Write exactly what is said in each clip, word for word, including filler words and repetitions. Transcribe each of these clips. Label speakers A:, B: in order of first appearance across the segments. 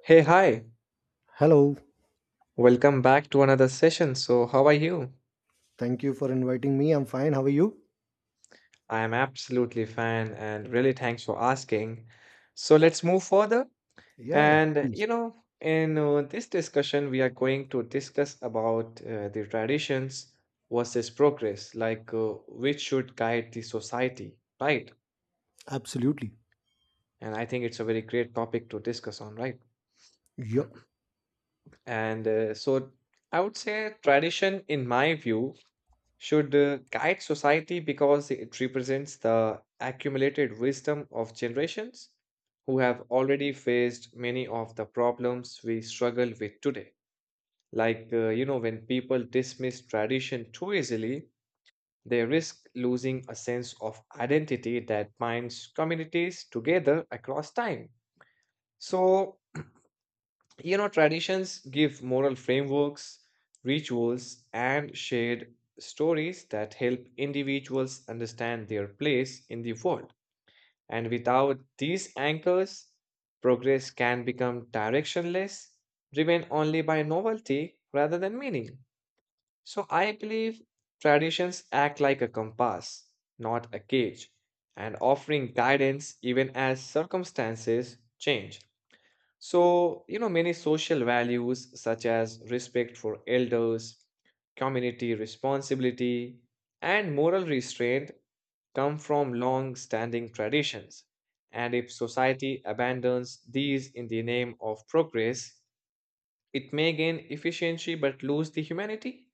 A: Hey, hi.
B: Hello.
A: Welcome back to another session. So, how are you?
B: Thank you for inviting me. I'm fine. How are you?
A: I am absolutely fine and really thanks for asking. So, let's move further.
B: Yeah, yeah.
A: And,
B: Yes.
A: you know, in uh, this discussion, we are going to discuss about uh, the traditions versus progress, like uh, which should guide the society, right?
B: Absolutely.
A: And I think it's a very great topic to discuss on, right?
B: Yeah.
A: And uh, so, I would say tradition, in my view, should uh, guide society because it represents the accumulated wisdom of generations who have already faced many of the problems we struggle with today. Like, uh, you know, when people dismiss tradition too easily, they risk losing a sense of identity that binds communities together across time. So, you know, traditions give moral frameworks, rituals, and shared stories that help individuals understand their place in the world. And without these anchors, progress can become directionless, driven only by novelty rather than meaning. So I believe traditions act like a compass, not a cage, and offering guidance even as circumstances change. So, you know, many social values such as respect for elders, community responsibility, and moral restraint come from long standing traditions. And if society abandons these in the name of progress, it may gain efficiency but lose the humanity.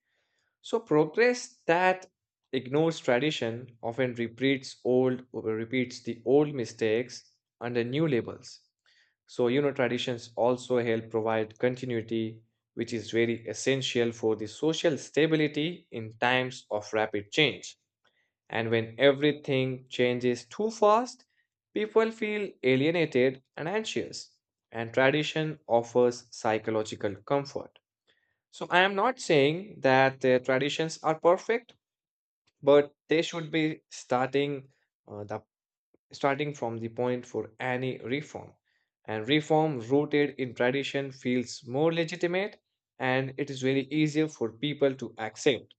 A: So, progress that ignores tradition often repeats old repeats the old mistakes under new labels. So, you know, traditions also help provide continuity, which is very essential for the social stability in times of rapid change. And when everything changes too fast, people feel alienated and anxious. And tradition offers psychological comfort. So, I am not saying that uh, traditions are perfect, but they should be starting uh, the starting from the point for any reform. And reform rooted in tradition feels more legitimate and it is very easier for people to accept.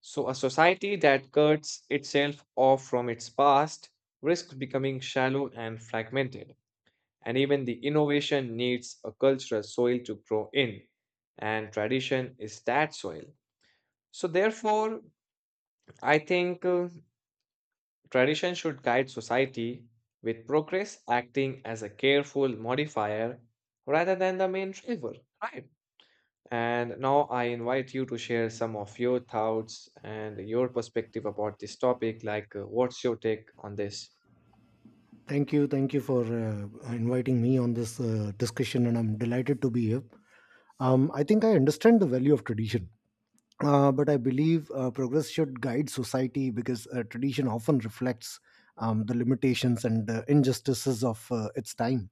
A: So, a society that cuts itself off from its past risks becoming shallow and fragmented. And even the innovation needs a cultural soil to grow in, and tradition is that soil. So, therefore, I think. Uh, Tradition should guide society, with progress acting as a careful modifier rather than the main driver. Right. And now I invite you to share some of your thoughts and your perspective about this topic. Like, uh, what's your take on this?
B: Thank you. Thank you for uh, inviting me on this uh, discussion, and I'm delighted to be here. Um, I think I understand the value of tradition. Uh, but I believe uh, progress should guide society because uh, tradition often reflects um, the limitations and uh, injustices of uh, its time.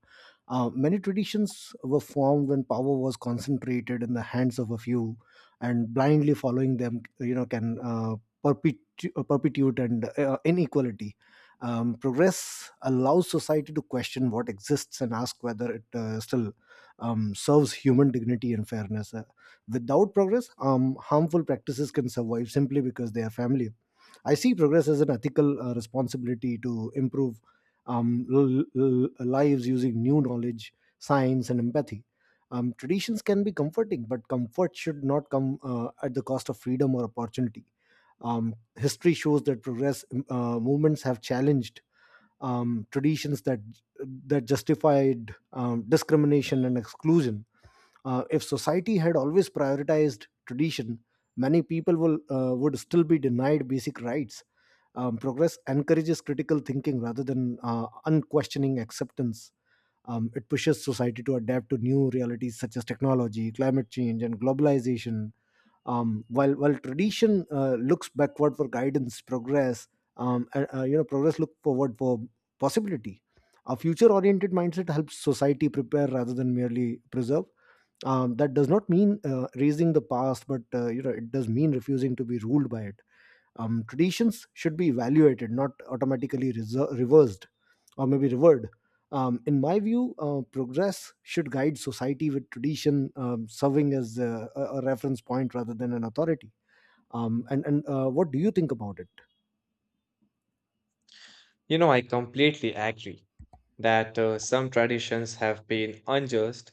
B: Uh, many traditions were formed when power was concentrated in the hands of a few, and blindly following them, you know, can uh, perpetu- uh, perpetuate and uh, inequality. Um, progress allows society to question what exists and ask whether it uh, still um, serves human dignity and fairness. Without progress, um, harmful practices can survive simply because they are family. I see progress as an ethical uh, responsibility to improve um, l- l- lives using new knowledge, science, and empathy. Um, traditions can be comforting, but comfort should not come uh, at the cost of freedom or opportunity. Um, history shows that progress uh, movements have challenged um, traditions that that justified um, discrimination and exclusion. Uh, If society had always prioritized tradition, many people will, uh, would still be denied basic rights. Um, progress encourages critical thinking rather than uh, unquestioning acceptance. Um, it pushes society to adapt to new realities such as technology, climate change, and globalization. um, while while tradition uh, looks backward for guidance, progress, um, and, uh, you know, progress look forward for possibility. A future-oriented mindset helps society prepare rather than merely preserve. Um, that does not mean uh, raising the past, but uh, you know, it does mean refusing to be ruled by it. Um, traditions should be evaluated, not automatically reser- reversed or maybe revered. Um, in my view, uh, progress should guide society with tradition um, serving as a, a a reference point rather than an authority. Um, and and uh, What do you think about it?
A: You know, I completely agree that uh, some traditions have been unjust,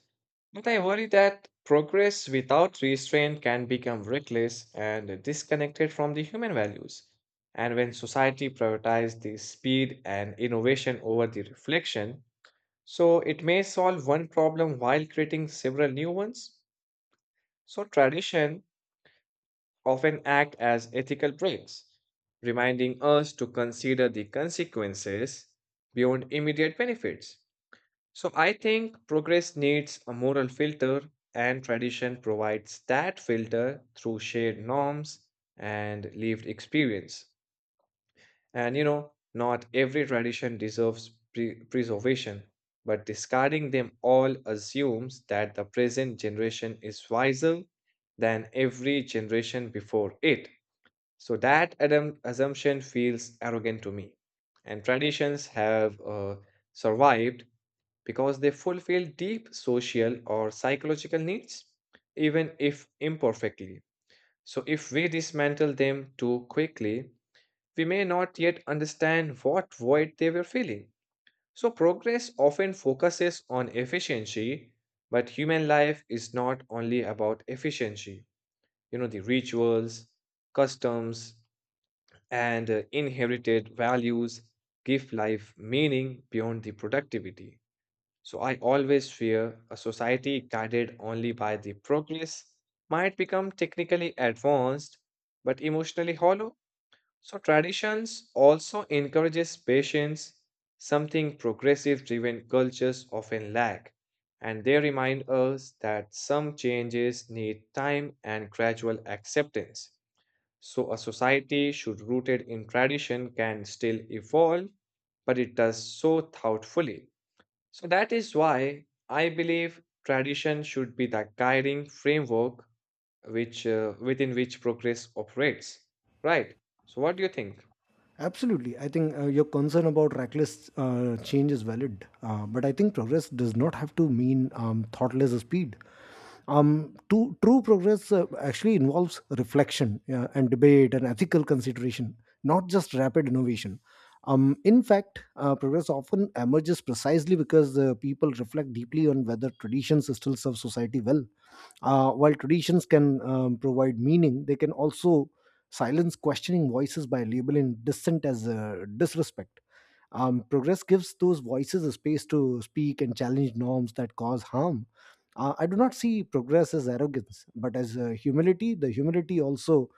A: but I worry that progress without restraint can become reckless and disconnected from the human values. And when society prioritizes the speed and innovation over the reflection, so it may solve one problem while creating several new ones. So tradition often act as ethical brakes, reminding us to consider the consequences beyond immediate benefits. So I think progress needs a moral filter, and tradition provides that filter through shared norms and lived experience. And you know, not every tradition deserves pre- preservation, but discarding them all assumes that the present generation is wiser than every generation before it. So that adam- assumption feels arrogant to me. And traditions have uh, survived because they fulfill deep social or psychological needs, even if imperfectly. So, if we dismantle them too quickly, we may not yet understand what void they were filling. So, progress often focuses on efficiency, but human life is not only about efficiency. You know, the rituals, customs, and uh, inherited values give life meaning beyond the productivity. So I always fear a society guided only by the progress might become technically advanced but emotionally hollow. So traditions also encourages patience, something progressive driven cultures often lack. And they remind us that some changes need time and gradual acceptance. So a society should rooted in tradition can still evolve, but it does so thoughtfully. So that is why I believe tradition should be the guiding framework which uh, within which progress operates. Right. So what do you think?
B: Absolutely. I think uh, your concern about reckless uh, change is valid, uh, but I think progress does not have to mean um, thoughtless speed. Um, to, true progress uh, actually involves reflection uh, and debate and ethical consideration, not just rapid innovation. Um, in fact, uh, progress often emerges precisely because uh, people reflect deeply on whether traditions still serve society well. Uh, while traditions can um, provide meaning, they can also silence questioning voices by labeling dissent as uh, disrespect. Um, progress gives those voices a space to speak and challenge norms that cause harm. Uh, I do not see progress as arrogance, but as uh, humility. The humility also,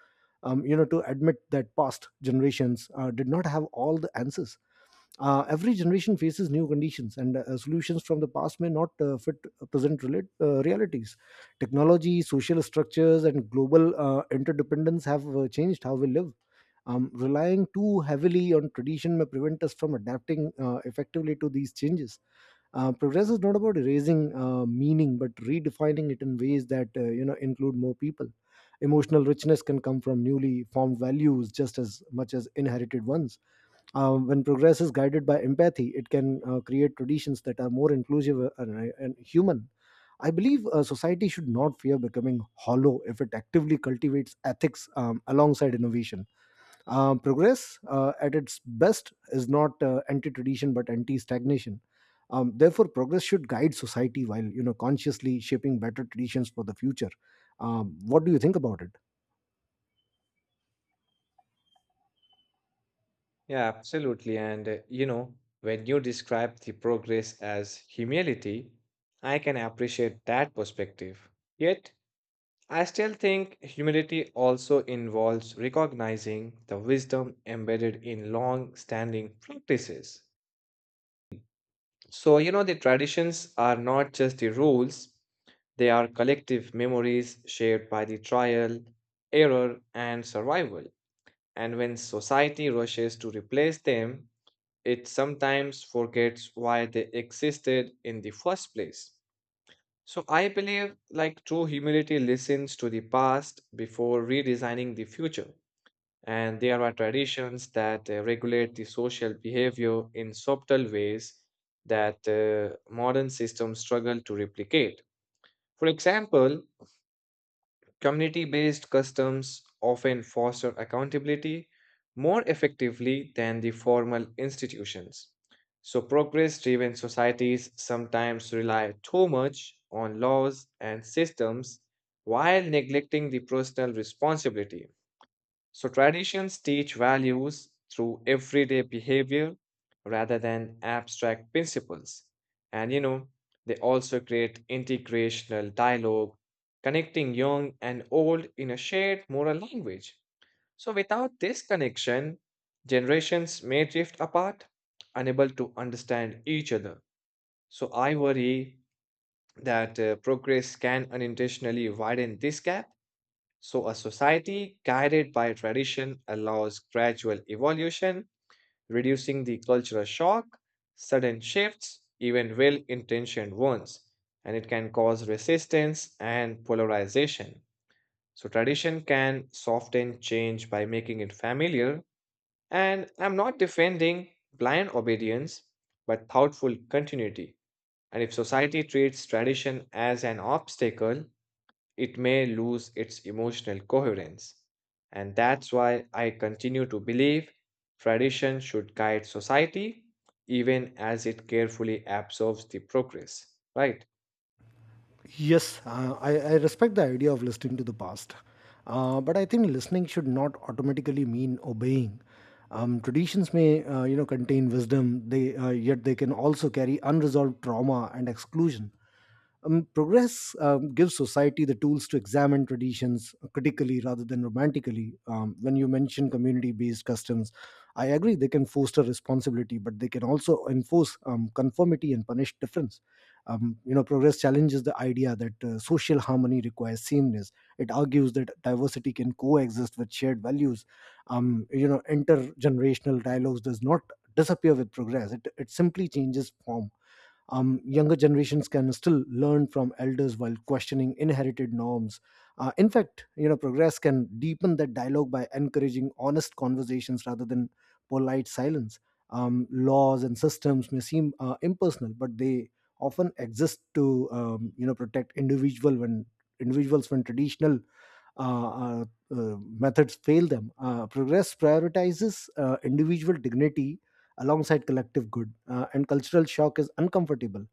B: um, you know, to admit that past generations uh, did not have all the answers. Uh, every generation faces new conditions, and uh, solutions from the past may not uh, fit uh, present rela- uh, realities. Technology, social structures, and global uh, interdependence have uh, changed how we live. Um, relying too heavily on tradition may prevent us from adapting uh, effectively to these changes. Uh, progress is not about erasing uh, meaning, but redefining it in ways that uh, you know include more people. Emotional richness can come from newly formed values just as much as inherited ones. Uh, when progress is guided by empathy, it can uh, create traditions that are more inclusive uh, and, uh, and human. I believe uh, society should not fear becoming hollow if it actively cultivates ethics um, alongside innovation. Uh, progress, uh, at its best, is not uh, anti-tradition but anti-stagnation. Um, therefore, progress should guide society while you know consciously shaping better traditions for the future. Um, what do you think about it?
A: Yeah, absolutely. And uh, you know, when you describe the progress as humility, I can appreciate that perspective. Yet, I still think humility also involves recognizing the wisdom embedded in long-standing practices. So, you know, the traditions are not just the rules, they are collective memories shared by the trial, error, and survival. And when society rushes to replace them, it sometimes forgets why they existed in the first place. So, I believe like true humility listens to the past before redesigning the future. And there are traditions that uh, regulate the social behavior in subtle ways that uh, modern systems struggle to replicate. For example, community based customs often foster accountability more effectively than the formal institutions. So, progress driven societies sometimes rely too much on laws and systems while neglecting the personal responsibility. So traditions teach values through everyday behavior rather than abstract principles. And you know, they also create integrational dialogue, connecting young and old in a shared moral language. So without this connection, generations may drift apart, unable to understand each other. So I worry that uh, progress can unintentionally widen this gap. So, a society guided by tradition allows gradual evolution, reducing the cultural shock, sudden shifts, even well intentioned ones, and it can cause resistance and polarization. So, tradition can soften change by making it familiar. And I'm not defending blind obedience, but thoughtful continuity. And if society treats tradition as an obstacle, it may lose its emotional coherence. And that's why I continue to believe tradition should guide society even as it carefully absorbs the progress. Right?
B: Yes, uh, I, I respect the idea of listening to the past. Uh, but I think listening should not automatically mean obeying. Um, traditions may, uh, you know, contain wisdom. They uh, Yet they can also carry unresolved trauma and exclusion. Um, progress um, gives society the tools to examine traditions critically rather than romantically. Um, when you mention community based customs, I agree they can foster responsibility, but they can also enforce um, conformity and punish difference. Um, you know, progress challenges the idea that uh, social harmony requires sameness. It argues that diversity can coexist with shared values. Um, you know, intergenerational dialogues does not disappear with progress. It, it simply changes form. Um, younger generations can still learn from elders while questioning inherited norms. Uh, in fact, you know, progress can deepen that dialogue by encouraging honest conversations rather than polite silence. Um, laws and systems may seem uh, impersonal, but they often exist to um, you know protect individual when individuals when traditional uh, uh, uh, methods fail them. Uh, progress prioritizes uh, individual dignity alongside collective good, uh, and cultural shock is uncomfortable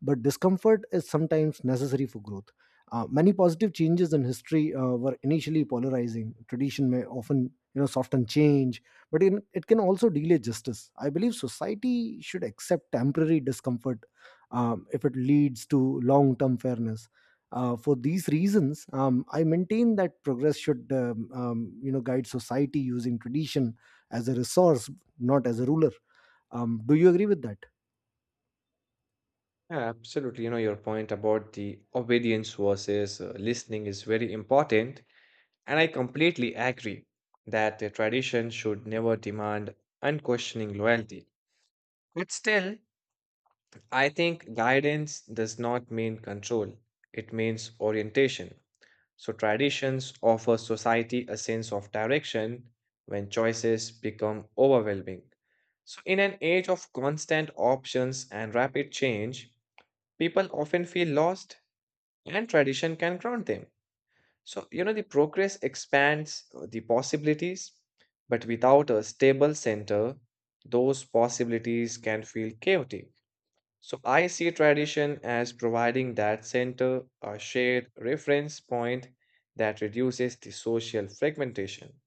B: but discomfort is sometimes necessary for growth. Uh, many positive changes in history uh, were initially polarizing. Tradition may often, you know, soften change, but in, it can also delay justice. I believe society should accept temporary discomfort um, if it leads to long-term fairness. Uh, for these reasons, um, I maintain that progress should, um, um, you know, guide society using tradition as a resource, not as a ruler. Um, do you agree with that?
A: Yeah, absolutely. You know, your point about the obedience versus uh, listening is very important. And I completely agree that the tradition should never demand unquestioning loyalty. But still, I think guidance does not mean control, it means orientation. So, traditions offer society a sense of direction when choices become overwhelming. So, in an age of constant options and rapid change, people often feel lost and tradition can ground them. So, you know, the progress expands uh, the possibilities, but without a stable center, those possibilities can feel chaotic. So I see tradition as providing that center, a shared reference point that reduces the social fragmentation.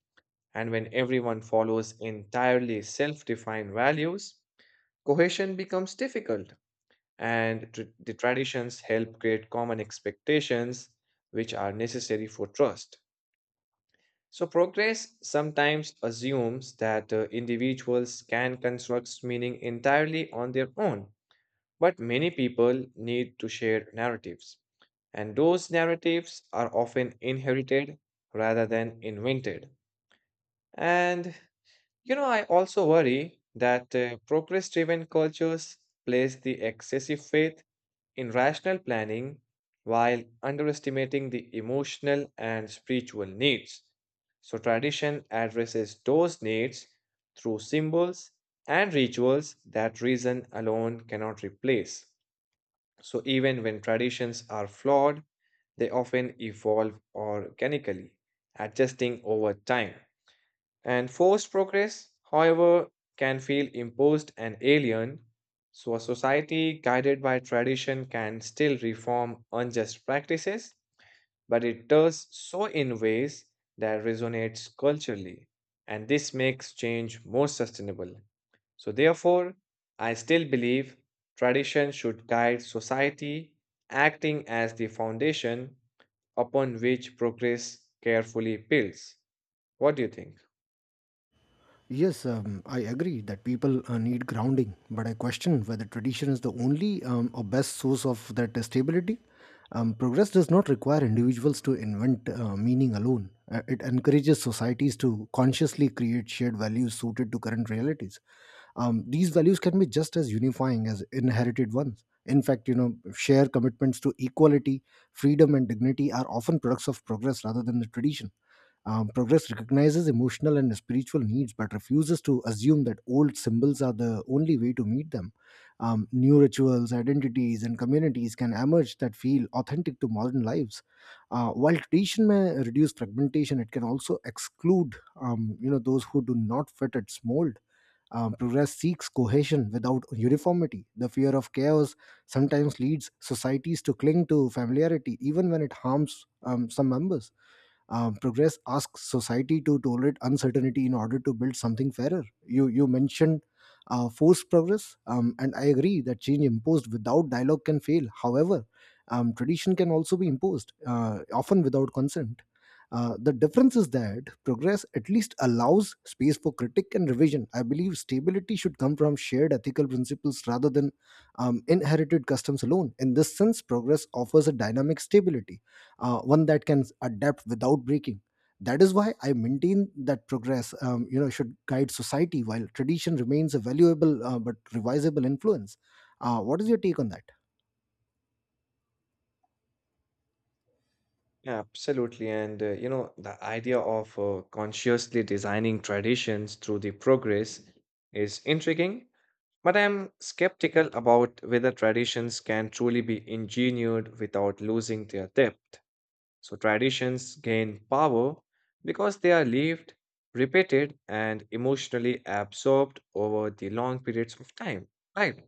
A: And when everyone follows entirely self defined values, cohesion becomes difficult. And tr- the traditions help create common expectations, which are necessary for trust. So, progress sometimes assumes that uh, individuals can construct meaning entirely on their own, but many people need to share narratives, and those narratives are often inherited rather than invented. And you know, I also worry that uh, progress driven cultures place the excessive faith in rational planning while underestimating the emotional and spiritual needs. So, tradition addresses those needs through symbols and rituals that reason alone cannot replace. So even when traditions are flawed, they often evolve organically, adjusting over time. And forced progress, however, can feel imposed and alien. So a society guided by tradition can still reform unjust practices, but it does so in ways that resonates culturally, and this makes change more sustainable. So, therefore, I still believe tradition should guide society, acting as the foundation upon which progress carefully builds. What do you think?
B: Yes, um, I agree that people uh, need grounding, but I question whether tradition is the only um, or best source of that stability. Um, progress does not require individuals to invent uh, meaning alone. Uh, it encourages societies to consciously create shared values suited to current realities. Um, these values can be just as unifying as inherited ones. In fact, you know, shared commitments to equality, freedom, and dignity are often products of progress rather than the tradition. Um, progress recognizes emotional and spiritual needs but refuses to assume that old symbols are the only way to meet them. Um, new rituals, identities, and communities can emerge that feel authentic to modern lives. Uh, while tradition may reduce fragmentation, it can also exclude um, you know those who do not fit its mold. Um, progress seeks cohesion without uniformity. The fear of chaos sometimes leads societies to cling to familiarity, even when it harms um, some members. Um, progress asks society to tolerate uncertainty in order to build something fairer. You you mentioned uh, forced progress, um, and I agree that change imposed without dialogue can fail. However, um, tradition can also be imposed, uh, often without consent. Uh, The difference is that progress at least allows space for critique and revision. I believe stability should come from shared ethical principles rather than um, inherited customs alone. In this sense, progress offers a dynamic stability, uh, one that can adapt without breaking. That is why I maintain that progress, um, you know, should guide society while tradition remains a valuable uh, but revisable influence. Uh, what is your take on that?
A: Yeah, absolutely. And uh, you know, the idea of uh, consciously designing traditions through the progress is intriguing. But I'm skeptical about whether traditions can truly be engineered without losing their depth. So traditions gain power because they are lived, repeated, and emotionally absorbed over the long periods of time. Right.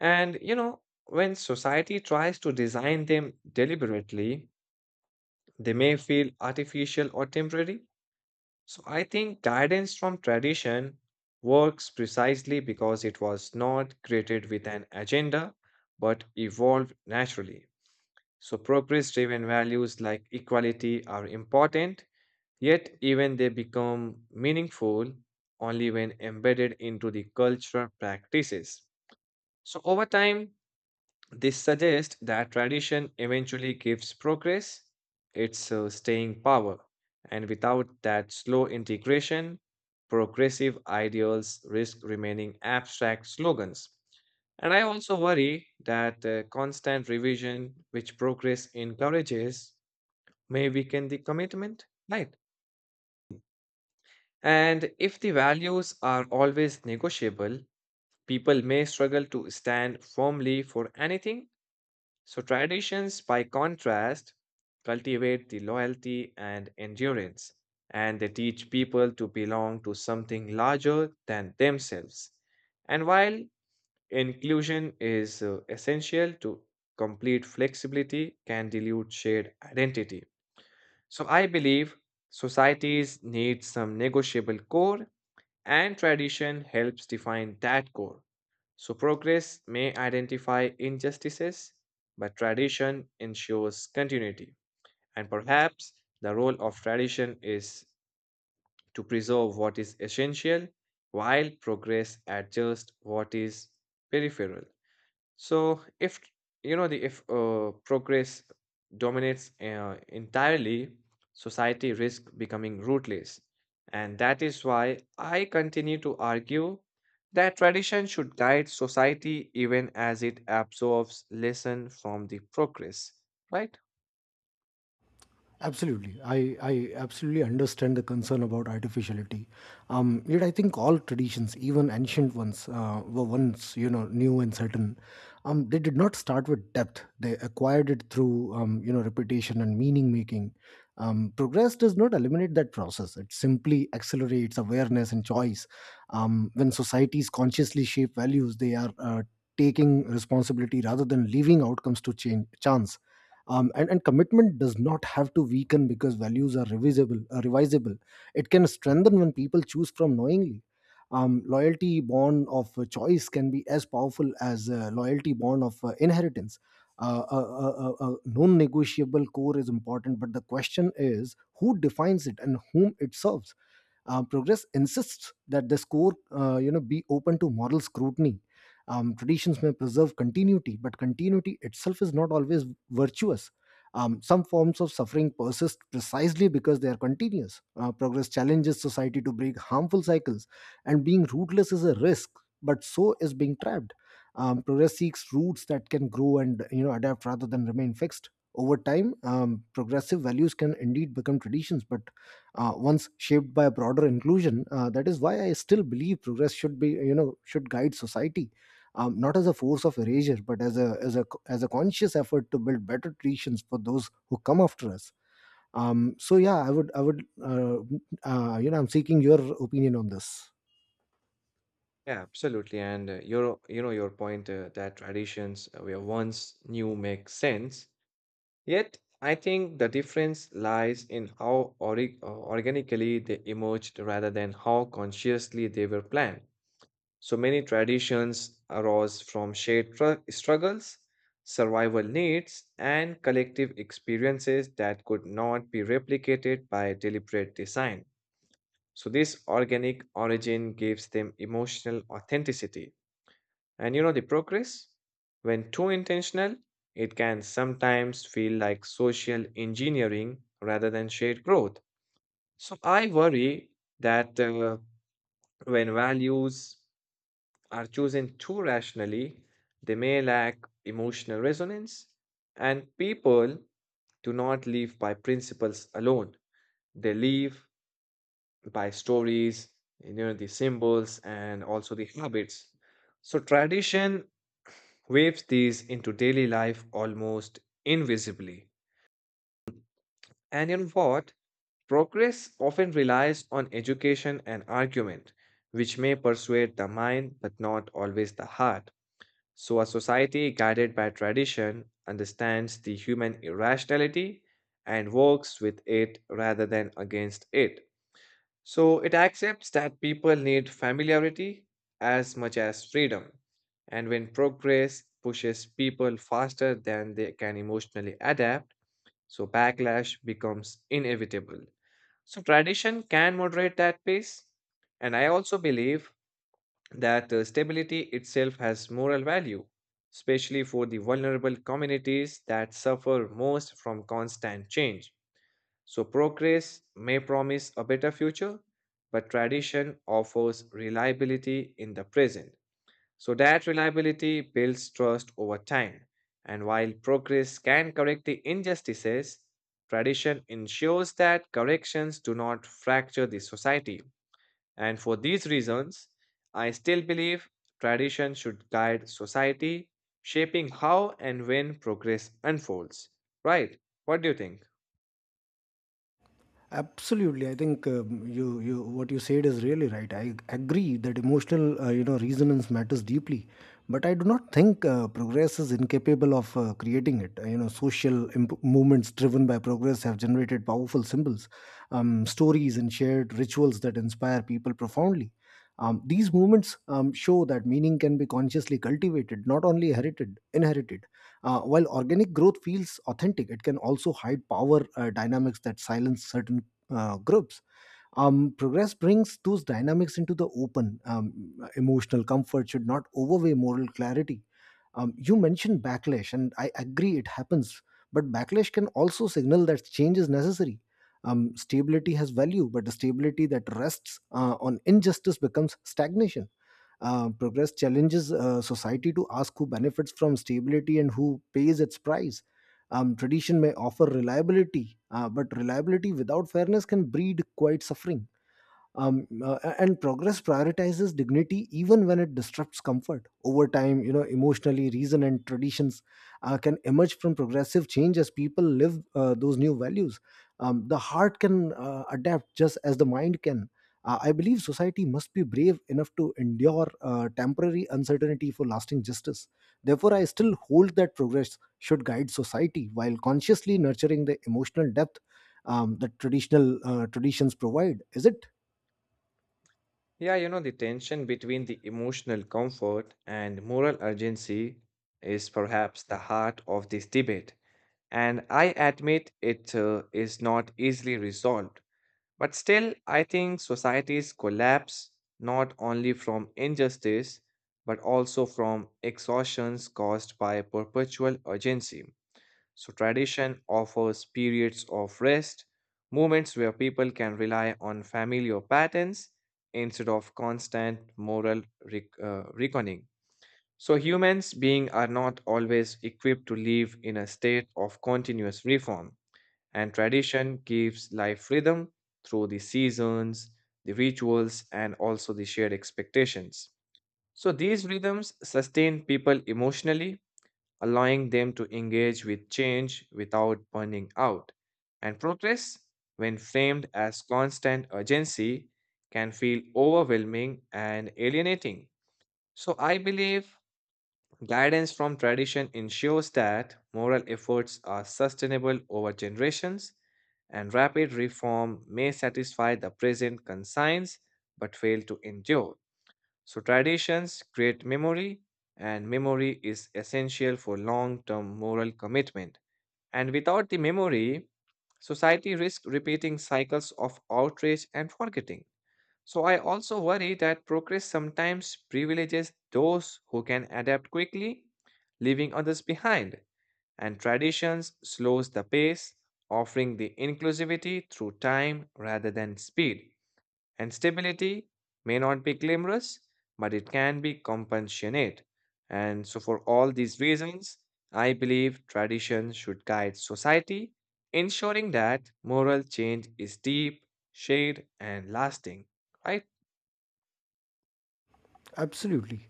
A: And you know, when society tries to design them deliberately, they may feel artificial or temporary. So I think guidance from tradition works precisely because it was not created with an agenda but evolved naturally. So progress driven values like equality are important, yet, even they become meaningful only when embedded into the cultural practices. So over time, this suggests that tradition eventually gives progress its uh, staying power, and without that slow integration, progressive ideals risk remaining abstract slogans. And I also worry that uh, constant revision, which progress encourages, may weaken the commitment, right? And if the values are always negotiable, people may struggle to stand firmly for anything. So, traditions, by contrast, cultivate the loyalty and endurance, and they teach people to belong to something larger than themselves. And while inclusion is uh, essential to complete flexibility, can dilute shared identity. So, I believe societies need some negotiable core, and tradition helps define that core. So, progress may identify injustices, but tradition ensures continuity. And perhaps the role of tradition is to preserve what is essential while progress adjusts what is peripheral. So if you know the if uh, progress dominates uh, entirely, society risks becoming rootless, and that is why I continue to argue that tradition should guide society even as it absorbs lesson from the progress. Right?
B: Absolutely. I, I absolutely understand the concern about artificiality. Um, yet I think all traditions, even ancient ones, uh, were once, you know, new and certain. Um, they did not start with depth. They acquired it through, um, you know, repetition and meaning making. Um, progress does not eliminate that process. It simply accelerates awareness and choice. Um, when societies consciously shape values, they are uh, taking responsibility rather than leaving outcomes to change, chance. Um, and, and commitment does not have to weaken because values are revisable uh, revisable. It can strengthen when people choose from knowingly. Um, loyalty born of uh, choice can be as powerful as uh, loyalty born of uh, inheritance. Uh, a, a, a, a non-negotiable core is important but the question is who defines it and whom it serves. Uh, progress insists that this core, uh, you know, be open to moral scrutiny. Um, traditions may preserve continuity, but continuity itself is not always virtuous. Um, some forms of suffering persist precisely because they are continuous. Uh, progress challenges society to break harmful cycles, and being rootless is a risk, but so is being trapped. Um, progress seeks roots that can grow and you know adapt rather than remain fixed. Over time, um, progressive values can indeed become traditions, but uh, once shaped by a broader inclusion. Uh, that is why I still believe progress should be you know should guide society, um, not as a force of erasure, but as a as a as a conscious effort to build better traditions for those who come after us. Um, so yeah, I would I would uh, uh, you know, I'm seeking your opinion on this.
A: Yeah, absolutely. And uh, your you know your point uh, that traditions uh, were once new make sense. Yet, I think the difference lies in how ori- uh, organically they emerged rather than how consciously they were planned. So many traditions arose from shared tru- struggles, survival needs, and collective experiences that could not be replicated by deliberate design. So this organic origin gives them emotional authenticity. And you know the progress? When too intentional, it can sometimes feel like social engineering rather than shared growth. So I worry that uh, when values are chosen too rationally, they may lack emotional resonance, and people do not live by principles alone. They live by stories, you know, the symbols, and also the habits. So tradition waves these into daily life almost invisibly. And in what? Progress often relies on education and argument, which may persuade the mind but not always the heart. So a society guided by tradition understands the human irrationality and works with it rather than against it. So it accepts that people need familiarity as much as freedom. And when progress pushes people faster than they can emotionally adapt, so backlash becomes inevitable. So tradition can moderate that pace. And I also believe that uh, stability itself has moral value, especially for the vulnerable communities that suffer most from constant change. So progress may promise a better future, but tradition offers reliability in the present. So that reliability builds trust over time. And while progress can correct the injustices, tradition ensures that corrections do not fracture the society. And for these reasons, I still believe tradition should guide society, shaping how and when progress unfolds. Right? What do you think?
B: Absolutely, I think um, you you what you said is really right. I agree that emotional uh, you know resonance matters deeply, but I do not think uh, progress is incapable of uh, creating it. Uh, you know, social imp- movements driven by progress have generated powerful symbols, um, stories, and shared rituals that inspire people profoundly. Um, these movements um, show that meaning can be consciously cultivated, not only herited, inherited. Uh, while organic growth feels authentic, it can also hide power uh, dynamics that silence certain uh, groups. Um, progress brings those dynamics into the open. Um, emotional comfort should not overweigh moral clarity. Um, you mentioned backlash, and I agree it happens, but backlash can also signal that change is necessary. Um, stability has value, but the stability that rests uh, on injustice becomes stagnation. Uh, progress challenges uh, society to ask who benefits from stability and who pays its price. Um, tradition may offer reliability, uh, but reliability without fairness can breed quite suffering. Um, uh, and progress prioritizes dignity even when it disrupts comfort over time. You know emotionally reason and traditions uh, can emerge from progressive change as people live uh, those new values. Um, the heart can uh, adapt just as the mind can. uh, I believe society must be brave enough to endure uh, temporary uncertainty for lasting justice. Therefore, I still hold that progress should guide society while consciously nurturing the emotional depth um, that traditional uh, traditions provide. Is it?
A: Yeah, you know, the tension between the emotional comfort and moral urgency is perhaps the heart of this debate. And I admit it uh, is not easily resolved. But still, I think societies collapse not only from injustice, but also from exhaustions caused by perpetual urgency. So tradition offers periods of rest, moments where people can rely on familiar patterns instead of constant moral rec- uh, reckoning. So humans being are not always equipped to live in a state of continuous reform, and tradition gives life rhythm through the seasons, the rituals, and also the shared expectations. So these rhythms sustain people emotionally, allowing them to engage with change without burning out. And progress, when framed as constant urgency, can feel overwhelming and alienating. So I believe guidance from tradition ensures that moral efforts are sustainable over generations, and rapid reform may satisfy the present concerns but fail to endure. So traditions create memory, and memory is essential for long term moral commitment. And without the memory, society risks repeating cycles of outrage and forgetting. So I also worry that progress sometimes privileges those who can adapt quickly, leaving others behind. And traditions slows the pace, offering the inclusivity through time rather than speed. And stability may not be glamorous, but it can be compassionate. And so, for all these reasons, I believe tradition should guide society, ensuring that moral change is deep, shared, and lasting. Right?
B: Absolutely.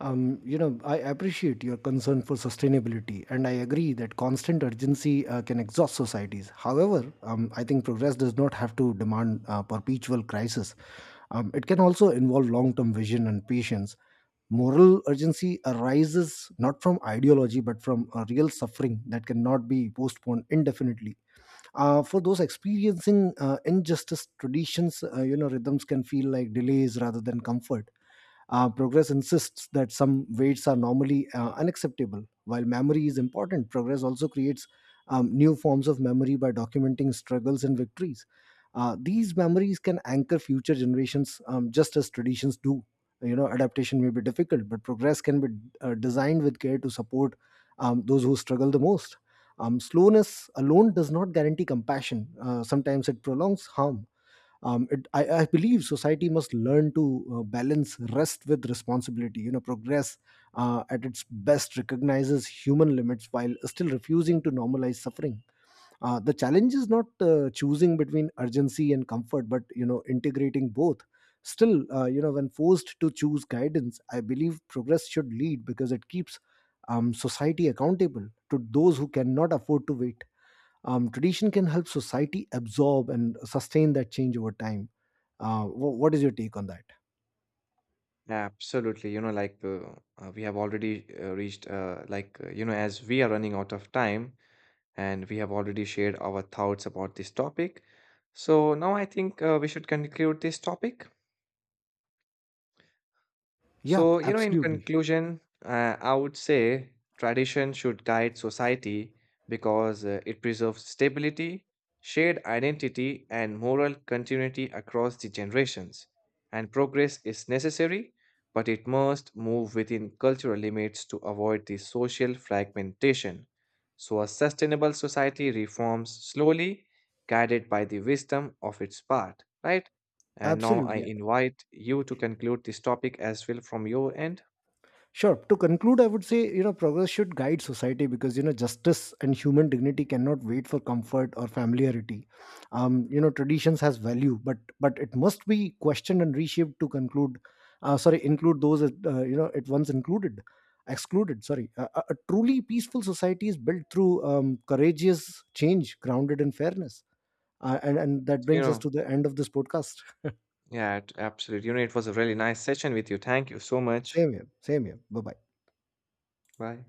B: Um, you know, I appreciate your concern for sustainability, and I agree that constant urgency uh, can exhaust societies. However, um, I think progress does not have to demand uh, perpetual crisis. Um, it can also involve long term vision and patience. Moral urgency arises not from ideology, but from a real suffering that cannot be postponed indefinitely uh, for those experiencing uh, injustice. Traditions uh, you know rhythms can feel like delays rather than comfort. Uh, progress insists that some weights are normally uh, unacceptable. While memory is important, progress also creates um, new forms of memory by documenting struggles and victories. Uh, these memories can anchor future generations, um, just as traditions do. You know, adaptation may be difficult, but progress can be uh, designed with care to support um, those who struggle the most. Um, slowness alone does not guarantee compassion. Uh, sometimes it prolongs harm. Um, it, I, I believe society must learn to uh, balance rest with responsibility. You know, progress uh, at its best recognizes human limits while still refusing to normalize suffering. Uh, the challenge is not uh, choosing between urgency and comfort, but, you know, integrating both. Still, uh, you know, when forced to choose guidance, I believe progress should lead because it keeps um, society accountable to those who cannot afford to wait. Um, tradition can help society absorb and sustain that change over time. Uh, wh- what is your take on that?
A: Absolutely. You know, like uh, uh, we have already uh, reached, uh, like, uh, you know, as we are running out of time and we have already shared our thoughts about this topic. So now I think uh, we should conclude this topic.
B: Yeah,
A: So, you know, in
B: absolutely.
A: conclusion, uh, I would say tradition should guide society because uh, it preserves stability, shared identity, and moral continuity across the generations. And progress is necessary, but it must move within cultural limits to avoid the social fragmentation. So a sustainable society reforms slowly, guided by the wisdom of its part, right? And now I
B: Absolutely.
A: invite you to conclude this topic as well from your end.
B: Sure. To conclude, I would say, you know, progress should guide society because, you know, justice and human dignity cannot wait for comfort or familiarity. Um, you know, traditions has value, but but it must be questioned and reshaped to conclude, uh, sorry, include those, that, uh, you know, it once included, excluded, sorry. A, a a truly peaceful society is built through um, courageous change grounded in fairness. Uh, and, and that
A: You
B: brings us
A: know,
B: to the end of this podcast.
A: yeah, it- absolutely. You know, it was a really nice session with you. Thank you so much.
B: Same here. Same here. Bye-bye.
A: Bye.